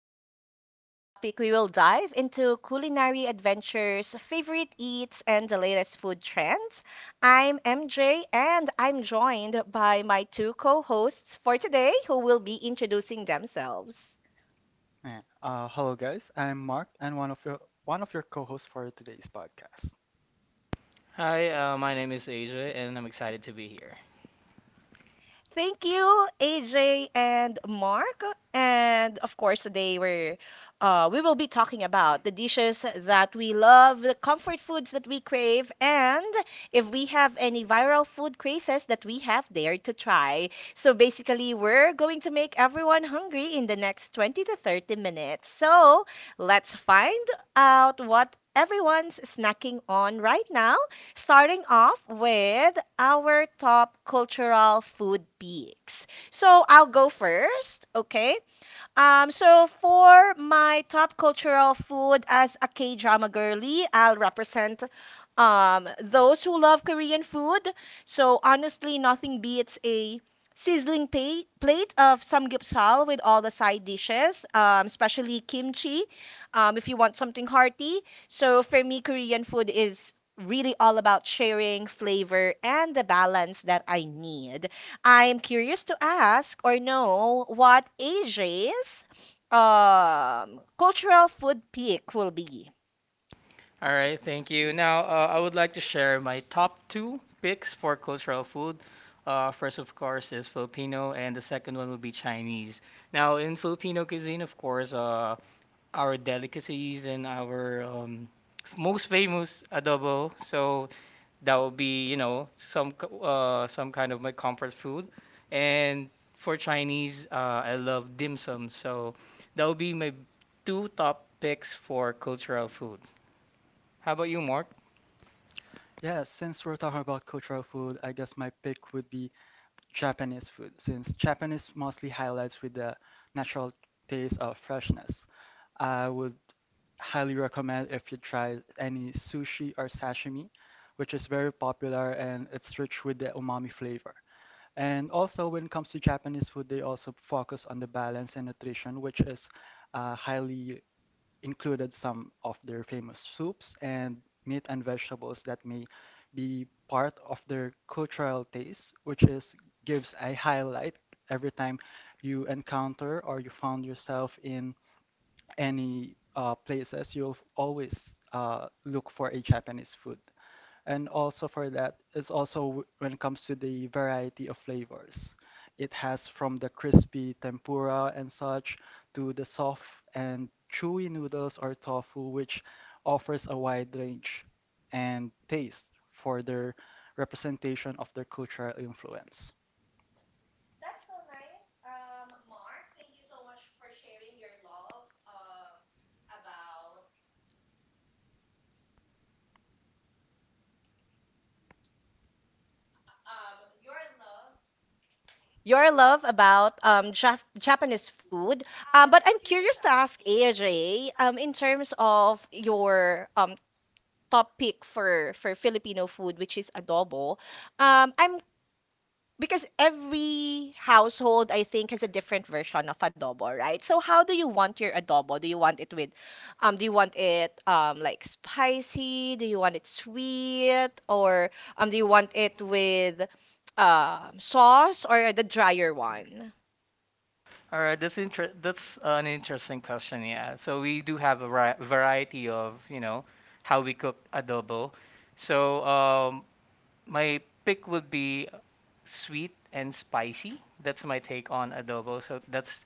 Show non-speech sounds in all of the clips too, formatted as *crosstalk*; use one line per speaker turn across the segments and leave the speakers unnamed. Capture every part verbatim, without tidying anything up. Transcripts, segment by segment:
So, for today's topic, we will dive into culinary adventures, favorite eats, and the latest food trends. I'm M J, and I'm joined by my two co hosts for today who will be introducing themselves.
Eh, Uh, hello guys, I'm Mark and one of your one of your co-hosts for today's podcast.
Hi, uh, my name is Asia, and I'm excited to be here.
Thank you, A J and Mark. And of course, today we're, uh, we will be talking about the dishes that we love, the comfort foods that we crave, and if we have any viral food crazes that we have dared to try. So basically, we're going to make everyone hungry in the next twenty to thirty minutes. So let's find out what everyone's snacking on right now, starting off with our top cultural food peaks. So I'll go first, okay? Um, so for my top cultural food, as a K drama girly, I'll represent um those who love Korean food. So honestly, nothing beats a sizzling pa- plate of samgyeopsal with all the side dishes, um, especially kimchi. Um, if you want something hearty. So for me, Korean food is really all about sharing flavor and the balance that I need. I am curious to ask or know what A J's um, cultural food pick will be.
All right, thank you. Now, uh, I would like to share my top two picks for cultural food. Uh, first, of course, is Filipino, and the second one will be Chinese. Now, in Filipino cuisine, of course, uh, our delicacies and our um, most famous adobo. So that would be, you know, some k- uh, some kind of my comfort food. And for Chinese, uh, I love dim sum. So that would be my two top picks for cultural food. How about you, Mark?
Yeah, since we're talking about cultural food, I guess my pick would be Japanese food, since Japanese mostly highlights with the natural taste of freshness. I would highly recommend if you try any sushi or sashimi, which is very popular and it's rich with the umami flavor. And also, when it comes to Japanese food, they also focus on the balance and nutrition, which is uh, highly included some of their famous soups and meat and vegetables that may be part of their cultural taste, which is gives a highlight every time you encounter or you found yourself in any uh, places, you'll always uh, look for a Japanese food. And also for that is also w- when it comes to the variety of flavors. It has from the crispy tempura and such to the soft and chewy noodles or tofu, which offers a wide range and taste for their representation of their cultural influence.
Your love about um, Jap- Japanese food, um, but I'm curious to ask A J, um, in terms of your um, top pick for for Filipino food, which is adobo. Um, I'm Because every household, I think, has a different version of adobo, right? So how do you want your adobo? Do you want it with, um do you want it um like spicy? Do you want it sweet, or um do you want it with um sauce, or the drier one?
All right, that's inter- that's an interesting question, yeah. So we do have a ri- variety of, you know, how we cook adobo. So um, My pick would be sweet and spicy. That's my take on adobo. So that's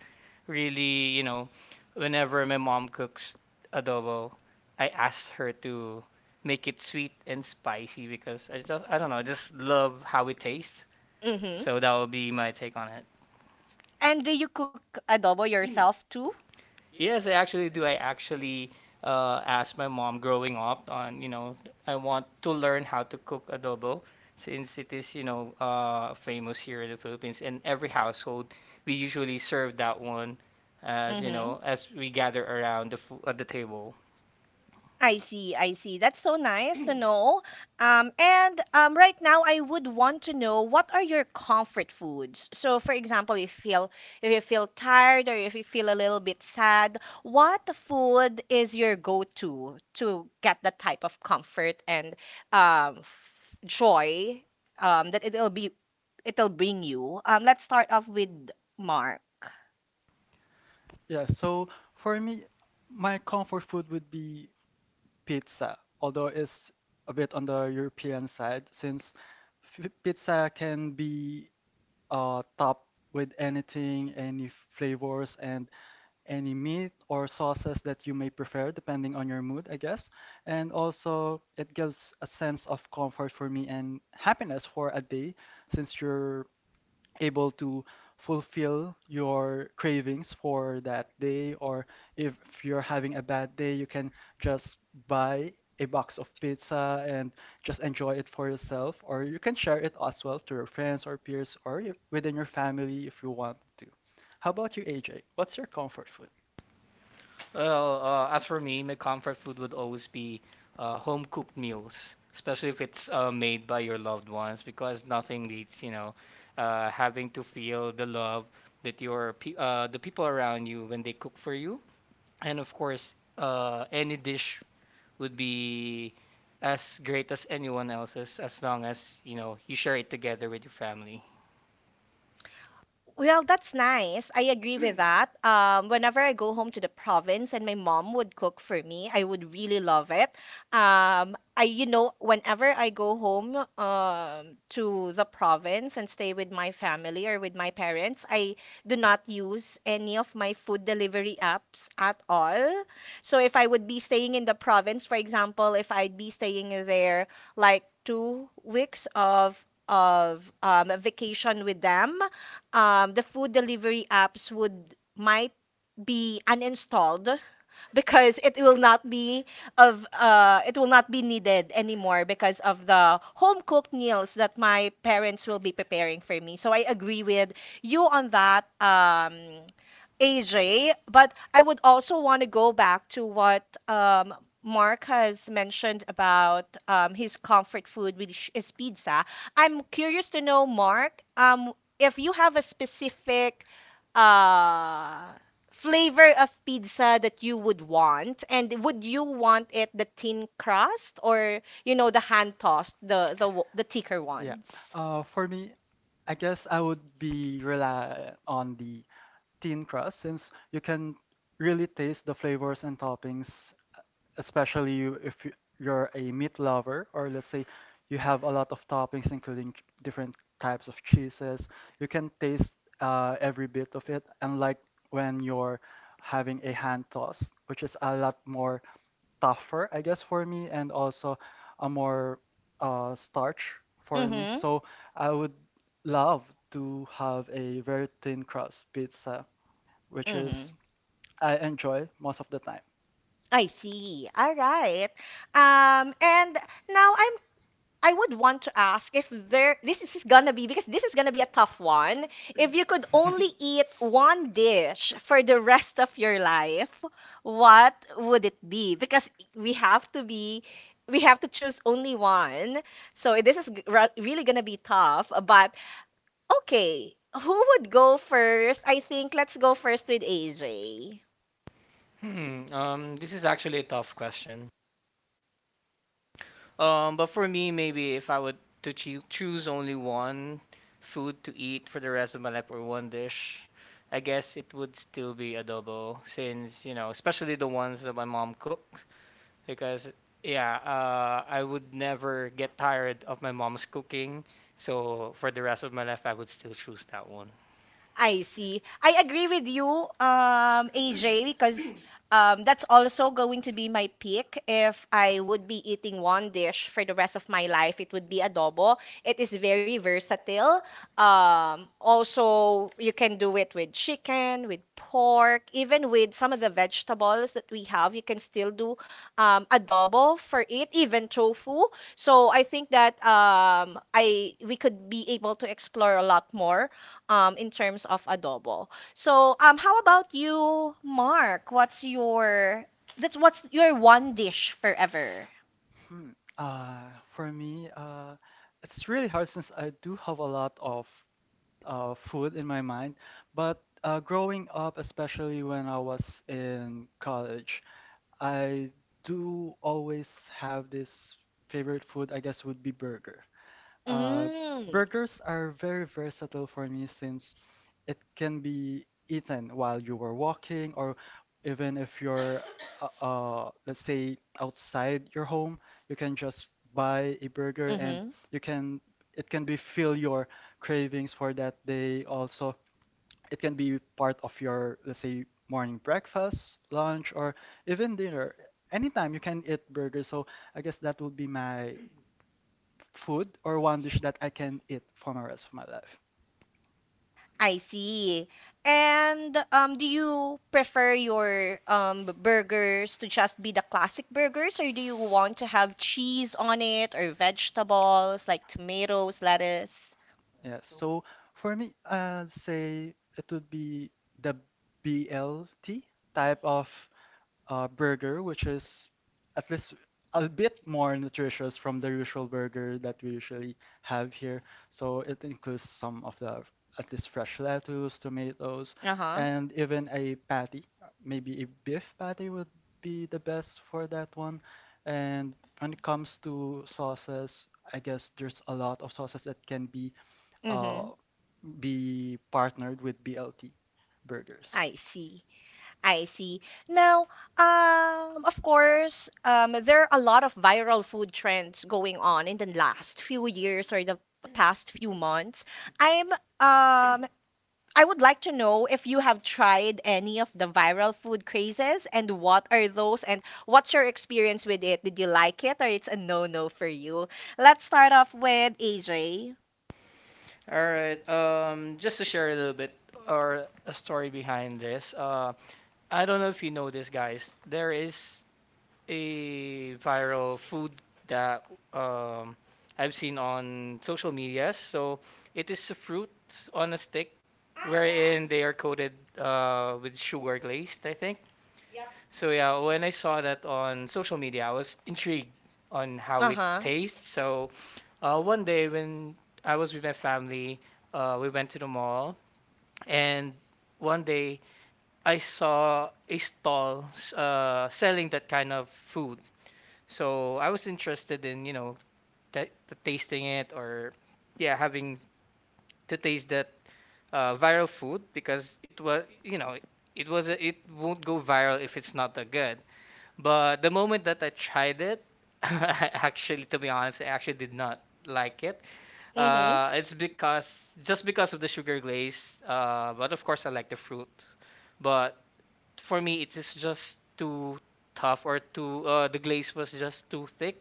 really, you know, whenever my mom cooks adobo, I ask her to make it sweet and spicy because I just, I don't know, I just love how it tastes.
Mhm.
So that would be my take on it.
And do you cook adobo yourself too?
Yes, I actually do. I actually uh, asked my mom growing up on, you know, I want to learn how to cook adobo since it is, you know, uh, famous here in the Philippines. And every household, we usually serve that one as, you know, as we gather around the, fo- at the
Mhm.
table.
I see, I see. That's so nice to know. Um, and um, right now, I would want to know what are your comfort foods. So, for example, if you feel if you feel tired, or if you feel a little bit sad, what food is your go-to to get that type of comfort and um, f- joy um, that it'll be it'll bring you? Um, let's start off with Mark.
Yeah, so for me, my comfort food would be pizza, although it's a bit on the European side since f- pizza can be uh, top with anything, any flavors, and any meat or sauces that you may prefer, depending on your mood, I guess. And also, it gives a sense of comfort for me and happiness for a day, since you're able to fulfill your cravings for that day, or if you're having a bad day, you can just buy a box of pizza and just enjoy it for yourself, or you can share it as well to your friends or peers or you, within your family if you want to. How about you, A J? What's your comfort food?
Well, uh, as for me, my comfort food would always be uh, home cooked meals, especially if it's uh, made by your loved ones, because nothing beats, you know, uh, having to feel the love that your pe- uh, the people around you when they cook for you. And of course, uh, any dish would be as great as anyone else's as long as, you know, you share it together with your family.
Well, that's nice. I agree with *laughs* that. Um, whenever I go home to the province and my mom would cook for me, I would really love it. Um, I, you know, whenever I go home um, to the province and stay with my family or with my parents, I do not use any of my food delivery apps at all. So if I would be staying in the province, for example, if I'd be staying there like two weeks of of um, vacation with them, um, the food delivery apps would might be uninstalled because it will not be of uh it will not be needed anymore because of the home cooked meals that my parents will be preparing for me. So I agree with you on that, um A J, but I would also want to go back to what um Mark has mentioned about um his comfort food, which is pizza. I'm curious to know, Mark, um, if you have a specific uh flavor of pizza that you would want, and would you want it the thin crust, or you know, the hand tossed, the the w- the thicker
Yeah.
ones?
Uh, for me, I guess I would be rely on the thin crust since you can really taste the flavors and toppings, especially you, if you- you're a meat lover, or let's say you have a lot of toppings, including ch- different types of cheeses. You can taste uh, every bit of it, unlike when you're having a hand toss, which is a lot more tougher, I guess, for me, and also a more uh, starch for me.
Mm-hmm.
So I would love to have a very thin crust pizza which
Mm-hmm.
is I enjoy most of the time.
I see, all right. um and now I'm. I would want to ask, if there this is gonna be because this is gonna be a tough one. If you could only eat
*laughs*
one dish for the rest of your life, what would it be? Because we have to be we have to choose only one. So this is g- ra- really gonna be tough, but okay. Who would go first? I think let's go first with A J.
Hmm, um, this is actually a tough question. Um, but for me, maybe if I would to choo- choose only one food to eat for the rest of my life or one dish, I guess it would still be adobo, since, you know, especially the ones that my mom cooks, because yeah, uh, I would never get tired of my mom's cooking. So for the rest of my life, I would still choose that one.
I see. I agree with you, um, A J, because um, that's also going to be my pick. If I would be eating one dish for the rest of my life, it would be adobo. It is very versatile. Um, also, you can do it with chicken, with pork, even with some of the vegetables that we have. You can still do um, adobo for it, even tofu. So I think that, um, I we could be able to explore a lot more um, in terms of adobo. So, um, how about you, Mark? What's your that's what's your one dish forever?
Hmm. Uh, for me, uh, it's really hard since I do have a lot of uh, food in my mind. But uh, growing up, especially when I was in college, I do always have this favorite food, I guess, would be burger. Uh,
Mm.
burgers are very versatile for me since it can be eaten while you were walking or even if you're uh, uh, let's say outside your home, you can just buy a burger and
Mm-hmm.
you can it can be fill your cravings for that day. Also, it can be part of your let's say morning breakfast, lunch, or even dinner. Anytime you can eat burgers. So I guess that would be my food or one dish that I can eat for the rest of my life.
I see. And um, do you prefer your, um, b- burgers to just be the classic burgers, or do you want to have cheese on it, or vegetables like tomatoes, lettuce?
Yes. So for me, I'd say it would be the B L T type of uh, burger, which is at least a bit more nutritious from the usual burger that we usually have here. So it includes some of the at least fresh lettuce, tomatoes,
Uh-huh.
and even a patty. Maybe a beef patty would be the best for that one. And when it comes to sauces, I guess there's a lot of sauces that can be uh,
Mm-hmm.
be partnered with B L T burgers.
I see. I see. Now, um, of course, um, there are a lot of viral food trends going on in the last few years, or the past few months. I'm, um, I would like to know if you have tried any of the viral food crazes, and what are those, and what's your experience with it? Did you like it, or it's a no-no for you? Let's start off with A J.
All right. Um, just to share a little bit or a story behind this. Uh, I don't know if you know this, guys. There is a viral food that um, I've seen on social medias. So it is a fruit on a stick wherein they are coated uh, with sugar glazed, I think. So yeah, when I saw that on social media, I was intrigued on how it
Uh-huh.
tastes. So uh, one day when I was with my family, uh, we went to the mall and one day I saw a stall s- uh, selling that kind of food. So I was interested in, you know, t- tasting it or yeah, having to taste that uh, viral food because it was, you know, it was a, it won't go viral if it's not that good. But the moment that I tried it, *laughs* I actually, to be honest, I actually did not like it.
Mm-hmm.
Uh, it's because just because of the sugar glaze. Uh, but of course, I like the fruit. But for me, it is just too tough or too. Uh, the glaze was just too thick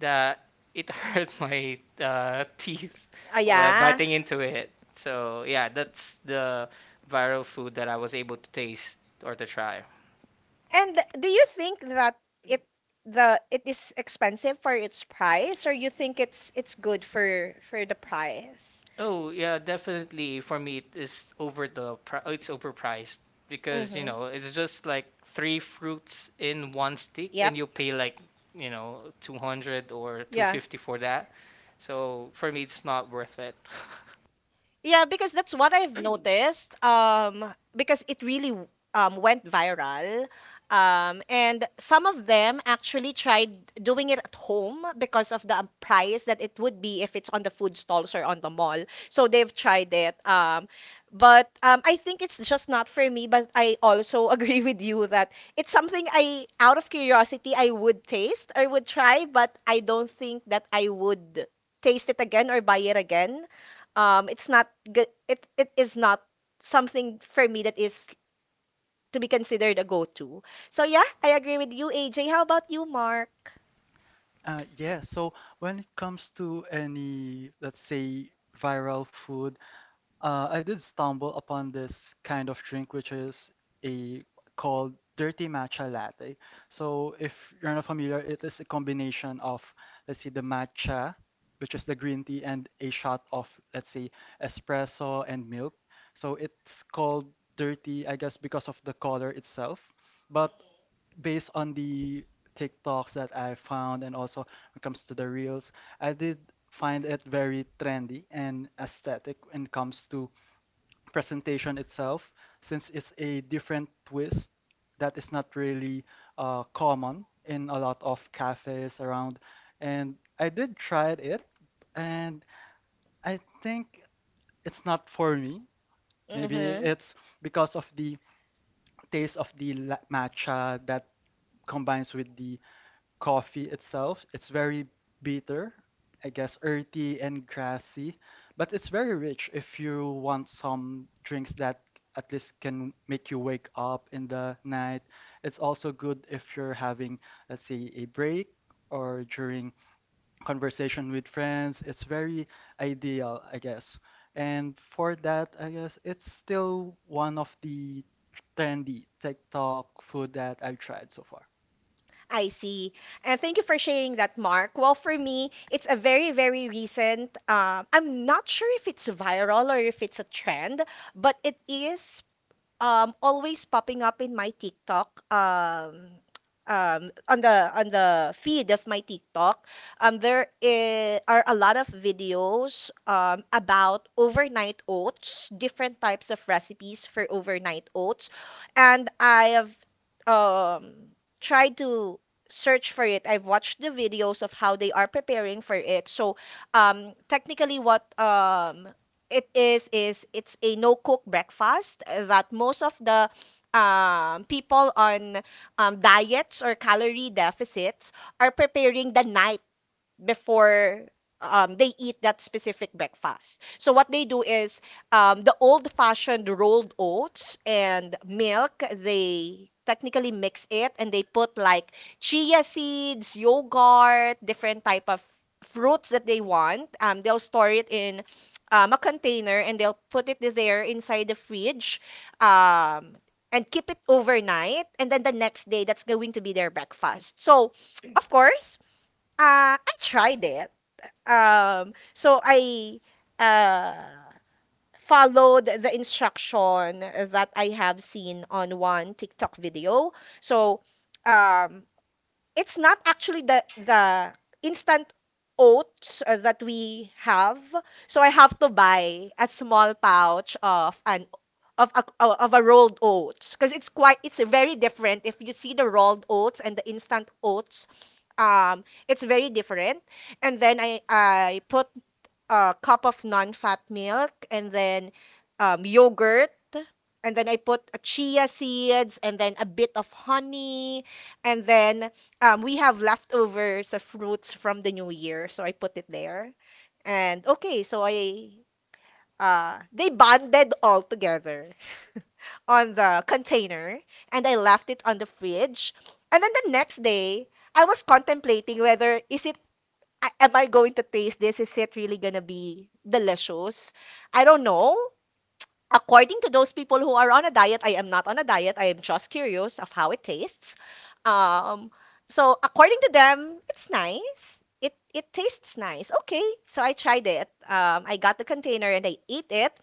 that it hurt *laughs* my uh, teeth
Uh,
while
yeah.
biting into it. So yeah, that's the viral food that I was able to taste or to try.
And do you think that, it the it is expensive for its price, or you think it's it's good for for the price?
Oh yeah, definitely for me it is over the pri- it's overpriced because you
Mm-hmm.
know it's just like three fruits in one stick
Yep.
and you pay like you know two hundred or
Yeah.
two fifty for that. So for me it's not worth it. *laughs*
Yeah, because that's what I've noticed. Um, because it really w- um, went viral. Um, and some of them actually tried doing it at home because of the price that it would be if it's on the food stalls or on the mall. So they've tried it. Um, but um, I think it's just not for me. But I also *laughs* agree with you that it's something, I, out of curiosity, I would taste or would try, but I don't think that I would taste it again or buy it again. Um it's not good, it it is not something for me that is to be considered a go-to. So yeah, I agree with you, AJ. How about you, Mark?
Uh, yeah, so when it comes to any, let's say, viral food, uh, I did stumble upon this kind of drink, which is a called dirty matcha latte. So if you're not familiar, it is a combination of, let's say, the matcha, which is the green tea, and a shot of, let's say, espresso and milk. So it's called dirty, I guess, because of the color itself. But based on the TikToks that I found, and also when it comes to the reels, I did find it very trendy and aesthetic when it comes to presentation itself, since it's a different twist that is not really uh, common in a lot of cafes around. And I did try it, and I think it's not for me. Maybe
Mm-hmm.
it's because of the taste of the la- matcha that combines with the coffee itself. It's very bitter, I guess earthy and grassy, but it's very rich if you want some drinks that at least can make you wake up in the night. It's also good if you're having, let's say, a break or during conversation with friends. It's very ideal, I guess. And for that, I guess it's still one of the trendy TikTok food that I've tried so far.
I see. And thank you for sharing that, Mark. Well, for me, it's a very, very recent. Um, I'm not sure if it's viral or if it's a trend, but it is um always popping up in my TikTok, um um on the on the feed of my TikTok. Um there i- are a lot of videos um about overnight oats, different types of recipes for overnight oats, and I have um tried to search for it. I've watched the videos of how they are preparing for it. So um technically, what um it is is it's a no cook breakfast, uh, that most of the, um, people on, um, diets or calorie deficits are preparing the night before, um, they eat that specific breakfast. So what they do is, um, the old-fashioned rolled oats and milk. They technically mix it and they put like chia seeds, yogurt, different type of fruits that they want. Um, they'll store it in, um, a container and they'll put it there inside the fridge. Um, and keep it overnight, and then the next day that's going to be their breakfast. So, of course, uh, I tried it. Um, so I uh, followed the instruction that I have seen on one TikTok video. So, um, it's not actually the the instant oats uh, that we have. So I have to buy a small pouch of an of a of a rolled oats, because it's quite it's very different if you see the rolled oats and the instant oats. Um it's very different. And then i i put a cup of non-fat milk, and then, um, yogurt, and then I put a chia seeds, and then a bit of honey, and then, um, we have leftovers of fruits from the new year, so I put it there. And okay, so I, uh, they bonded all together *laughs* on the container, and I left it on the fridge. And then the next day, I was contemplating, whether is it I, am I going to taste this? Is it really gonna be delicious? I don't know. According to those people who are on a diet, I am not on a diet. I am just curious of how it tastes. Um, so according to them, it's nice. It it tastes nice. Okay, so I tried it. Um, I got the container and I ate it,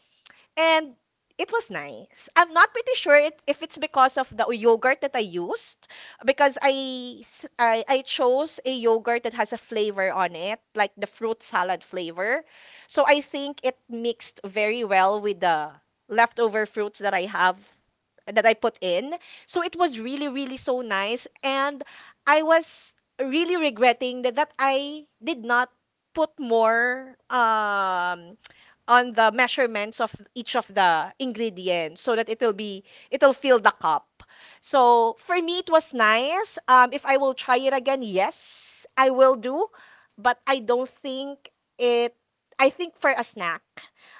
and it was nice. I'm not pretty sure, it, if it's because of the yogurt that I used, because, I, s- I I chose a yogurt that has a flavor on it, like the fruit salad flavor. So I think it mixed very well with the leftover fruits that I have, that I put in. So it was really, really so nice. And I was really regretting that, that I did not put more um on the measurements of each of the ingredients, so that it'll be it'll fill the cup. So for me it was nice. Um, if I will try it again, yes, I will do. But I don't think it I think for a snack,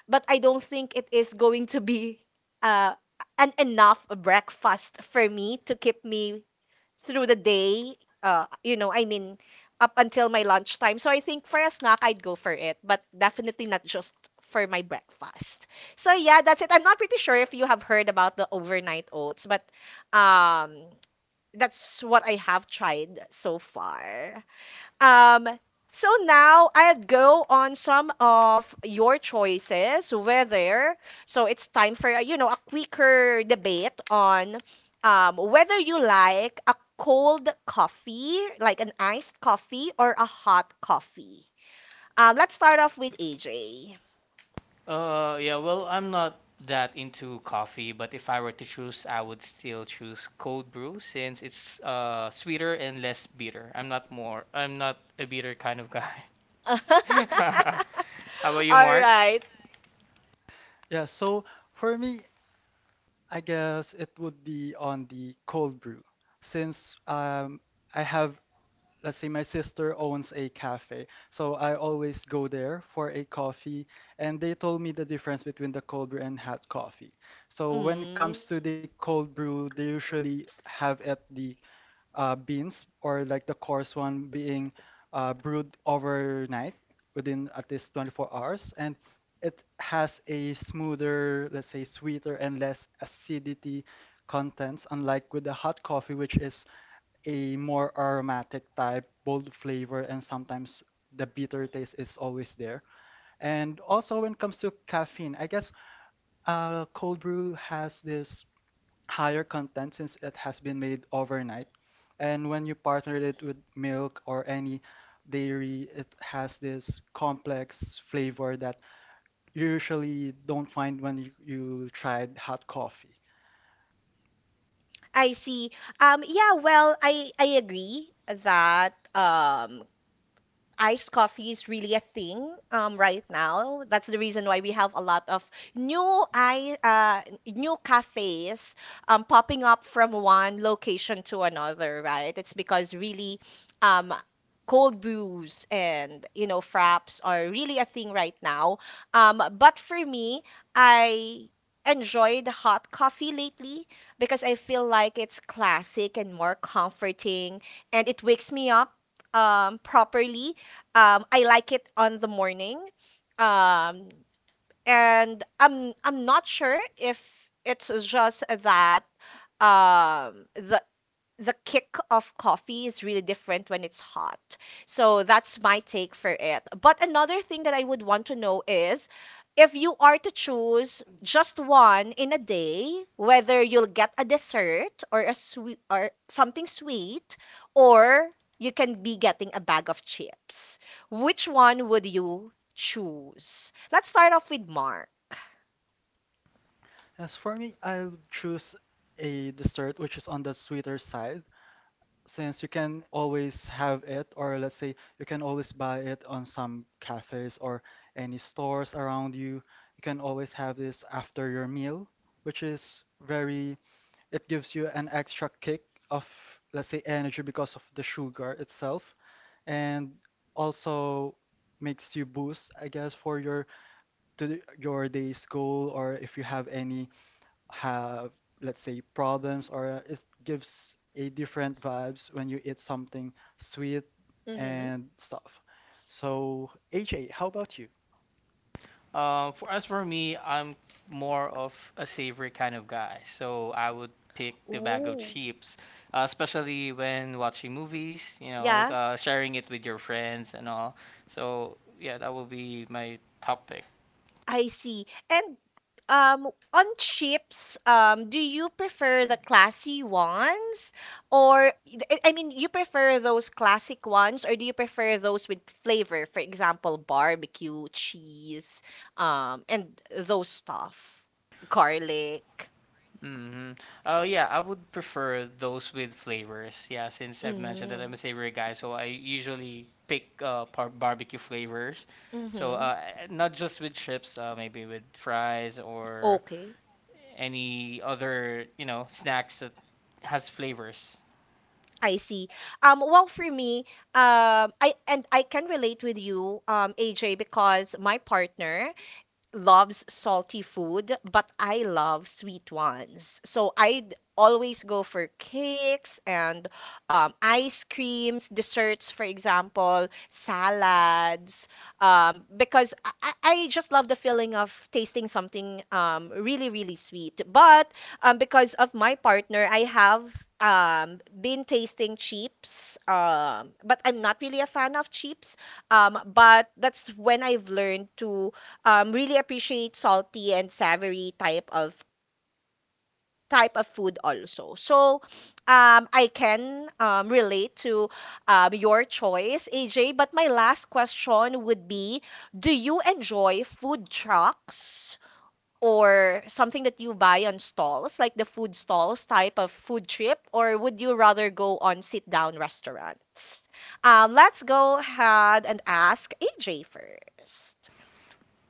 but I don't think it is going to be uh an enough breakfast for me to keep me through the day. Uh, you know, I mean, up until my lunchtime. So I think for a snack, I'd go for it, but definitely not just for my breakfast. So yeah, that's it. I'm not pretty sure if you have heard about the overnight oats, but um, that's what I have tried so far. Um, so now I'd go on some of your choices, whether, so it's time for, uh, you know, a quicker debate on um, whether you like a cold coffee, like an iced coffee, or a hot coffee. Um, let's start off with A J.
Uh, yeah, well, I'm not that into coffee, but if I were to choose, I would still choose cold brew since it's uh sweeter and less bitter. I'm not more, I'm not a bitter kind of guy.
*laughs* All
*laughs* How about you, Mark?
right.
Yeah, so for me, I guess it would be on the cold brew, since um, I have, let's say, my sister owns a cafe, so I always go there for a coffee, and they told me the difference between the cold brew and hot coffee. So when it
Mm.
comes to the cold brew, they usually have at the uh, beans or like the coarse one being uh, brewed overnight within at least twenty-four hours, and it has a smoother, let's say, sweeter and less acidity contents, unlike with the hot coffee, which is a more aromatic type bold flavor, and sometimes the bitter taste is always there. And also when it comes to caffeine, I guess uh, cold brew has this higher content since it has been made overnight. And when you partner it with milk or any dairy, it has this complex flavor that you usually don't find when you, you tried hot coffee.
I see. Um, yeah, well, I I agree that um iced coffee is really a thing um, right now. That's the reason why we have a lot of new i uh, new cafes um, popping up from one location to another, right? It's because really um, cold brews and, you know, fraps are really a thing right now. Um, but for me, I enjoyed hot coffee lately because I feel like it's classic and more comforting, and it wakes me up um properly. um, I like it on the morning. Um, and I'm I'm not sure if it's just that um the the kick of coffee is really different when it's hot. So that's my take for it. But another thing that I would want to know is if you are to choose just one in a day, whether you'll get a dessert or a sweet or something sweet, or you can be getting a bag of chips. Which one would you choose? Let's start off with Mark.
As for me, I'll choose a dessert which is on the sweeter side, since you can always have it, or let's say you can always buy it on some cafes or any stores around you. You can always have this after your meal, which is very, it gives you an extra kick of, let's say, energy because of the sugar itself, and also makes you boost, I guess, for your to your day's goal, or if you have any have, let's say, problems, or it gives a different vibes when you eat something sweet
Mm-hmm.
and stuff. So, A J, how about you?
Um, for as for me, I'm more of a savory kind of guy, so I would pick the bag of
Ooh.
chips, uh, especially when watching movies, you know,
Yeah,
uh, sharing it with your friends and all. So yeah, that will be my topic.
I see. And um, on chips, um, do you prefer the classy ones, or I I mean, you prefer those classic ones, or do you prefer those with flavor? For example, barbecue, cheese, um, and those stuff, garlic.
Hmm. Oh yeah, I would prefer those with flavors. Yeah, since I've mentioned that
Mm.
I'm a savory guy, so I usually pick uh par- barbecue flavors. So
Mm-hmm.
uh, not just with chips, uh, maybe with fries or
Okay.
any other, you know, snacks that has flavors.
I see. Um, well, for me, um, I and I can relate with you, um, A J, because my partner loves salty food, but I love sweet ones. So I'd always go for cakes and um, ice creams, desserts, for example, salads, um, because I, I I just love the feeling of tasting something um, really, really sweet. But um, because of my partner, I have um, been tasting chips, um, but I'm not really a fan of chips. Um, but that's when I've learned to um, really appreciate salty and savory type of type of food also. So um, I can um, relate to um, your choice, A J. But my last question would be, do you enjoy food trucks? Or something that you buy on stalls, like the food stalls type of food trip, or would you rather go on sit down restaurants? Um, let's go ahead and ask A J first.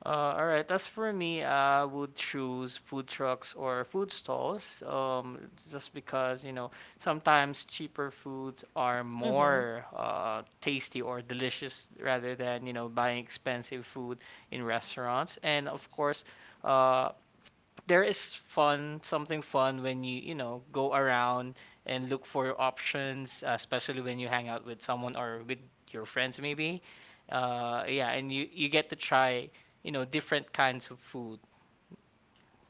Uh, all right. As for me, I would choose food trucks or food stalls, um, just because, you know, sometimes cheaper foods are
Mm-hmm.
more uh, tasty or delicious rather than, you know, buying expensive food in restaurants. And of course, uh, there is fun, something fun when you, you know, go around and look for options, uh, especially when you hang out with someone or with your friends maybe. Uh, yeah, and you you get to try, you know, different kinds of food.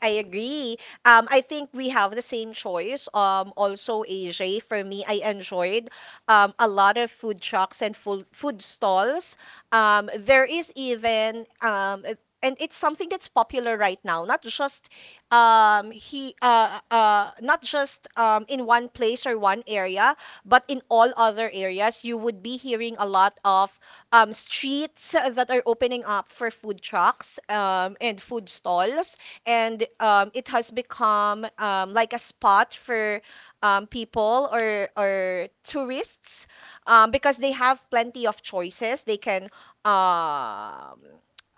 I agree. Um, I think we have the same choice. Um, also A J, for me, I enjoyed um, a lot of food trucks and food food stalls. Um, there is even um, it- and it's something that's popular right now, not just um, he uh, uh, not just um, in one place or one area, but in all other areas, you would be hearing a lot of um, streets that are opening up for food trucks um, and food stalls, and um, it has become um, like a spot for um, people or or tourists, um, because they have plenty of choices. They can um,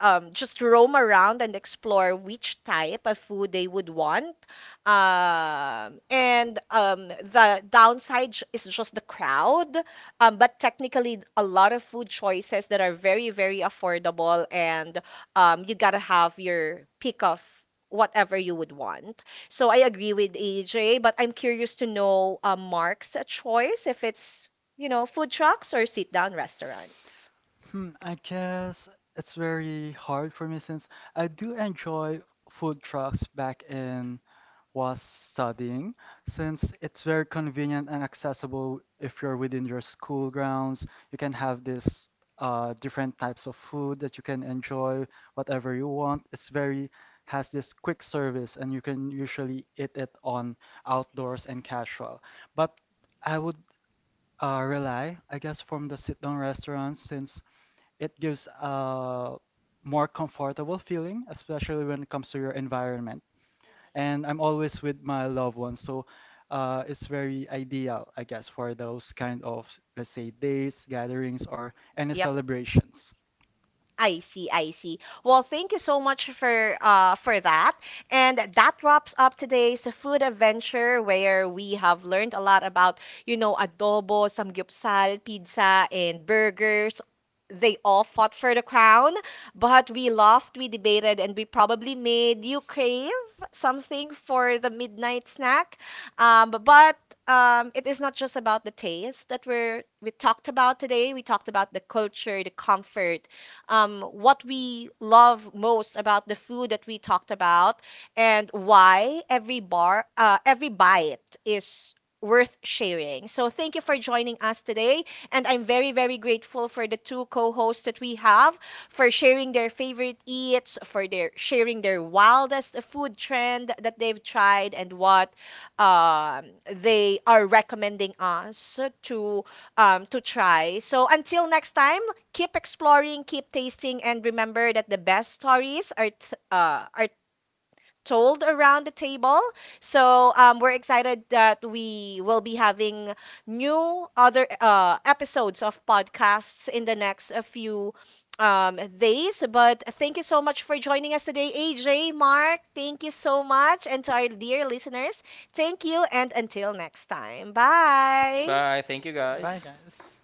um, just roam around and explore which type of food they would want. Um, and um, the downside j- is just the crowd, um, but technically a lot of food choices that are very, very affordable, and um, you gotta have your pick of whatever you would want. So I agree with A J, but I'm curious to know uh, Mark's choice if it's, you know, food trucks or sit down restaurants.
Hmm, I guess it's very hard for me since I do enjoy food trucks back in was studying, since it's very convenient and accessible if you're within your school grounds. You can have this uh, different types of food that you can enjoy whatever you want. It's very has this quick service and you can usually eat it on outdoors and casual. But I would uh, rely, I guess, from the sit-down restaurants since it gives a more comfortable feeling, especially when it comes to your environment. And I'm always with my loved ones, so uh, it's very ideal, I guess, for those kind of, let's say, days, gatherings, or any
Yep.
celebrations.
I see, I see. Well, thank you so much for uh for that. And that wraps up today's food adventure where we have learned a lot about, you know, adobo, samgyeopsal, pizza, and burgers. They all fought for the crown, but we laughed, we debated, and we probably made you crave something for the midnight snack. Um, but um, it is not just about the taste that we're we talked about today. We talked about the culture, the comfort, um, what we love most about the food that we talked about and why every bar, uh, every bite is worth sharing. So thank you for joining us today. And I'm very, very grateful for the two co-hosts that we have for sharing their favorite eats, for their sharing their wildest food trend that they've tried and what um, they are recommending us to um, to try. So until next time, keep exploring, keep tasting, and remember that the best stories are t- uh, are told around the table. So um, we're excited that we will be having new other uh, episodes of podcasts in the next uh, few um, days. But thank you so much for joining us today, A J, Mark. Thank you so much, and to our dear listeners, thank you, and until next time, bye.
Bye. Thank you
Bye,
guys.
guys.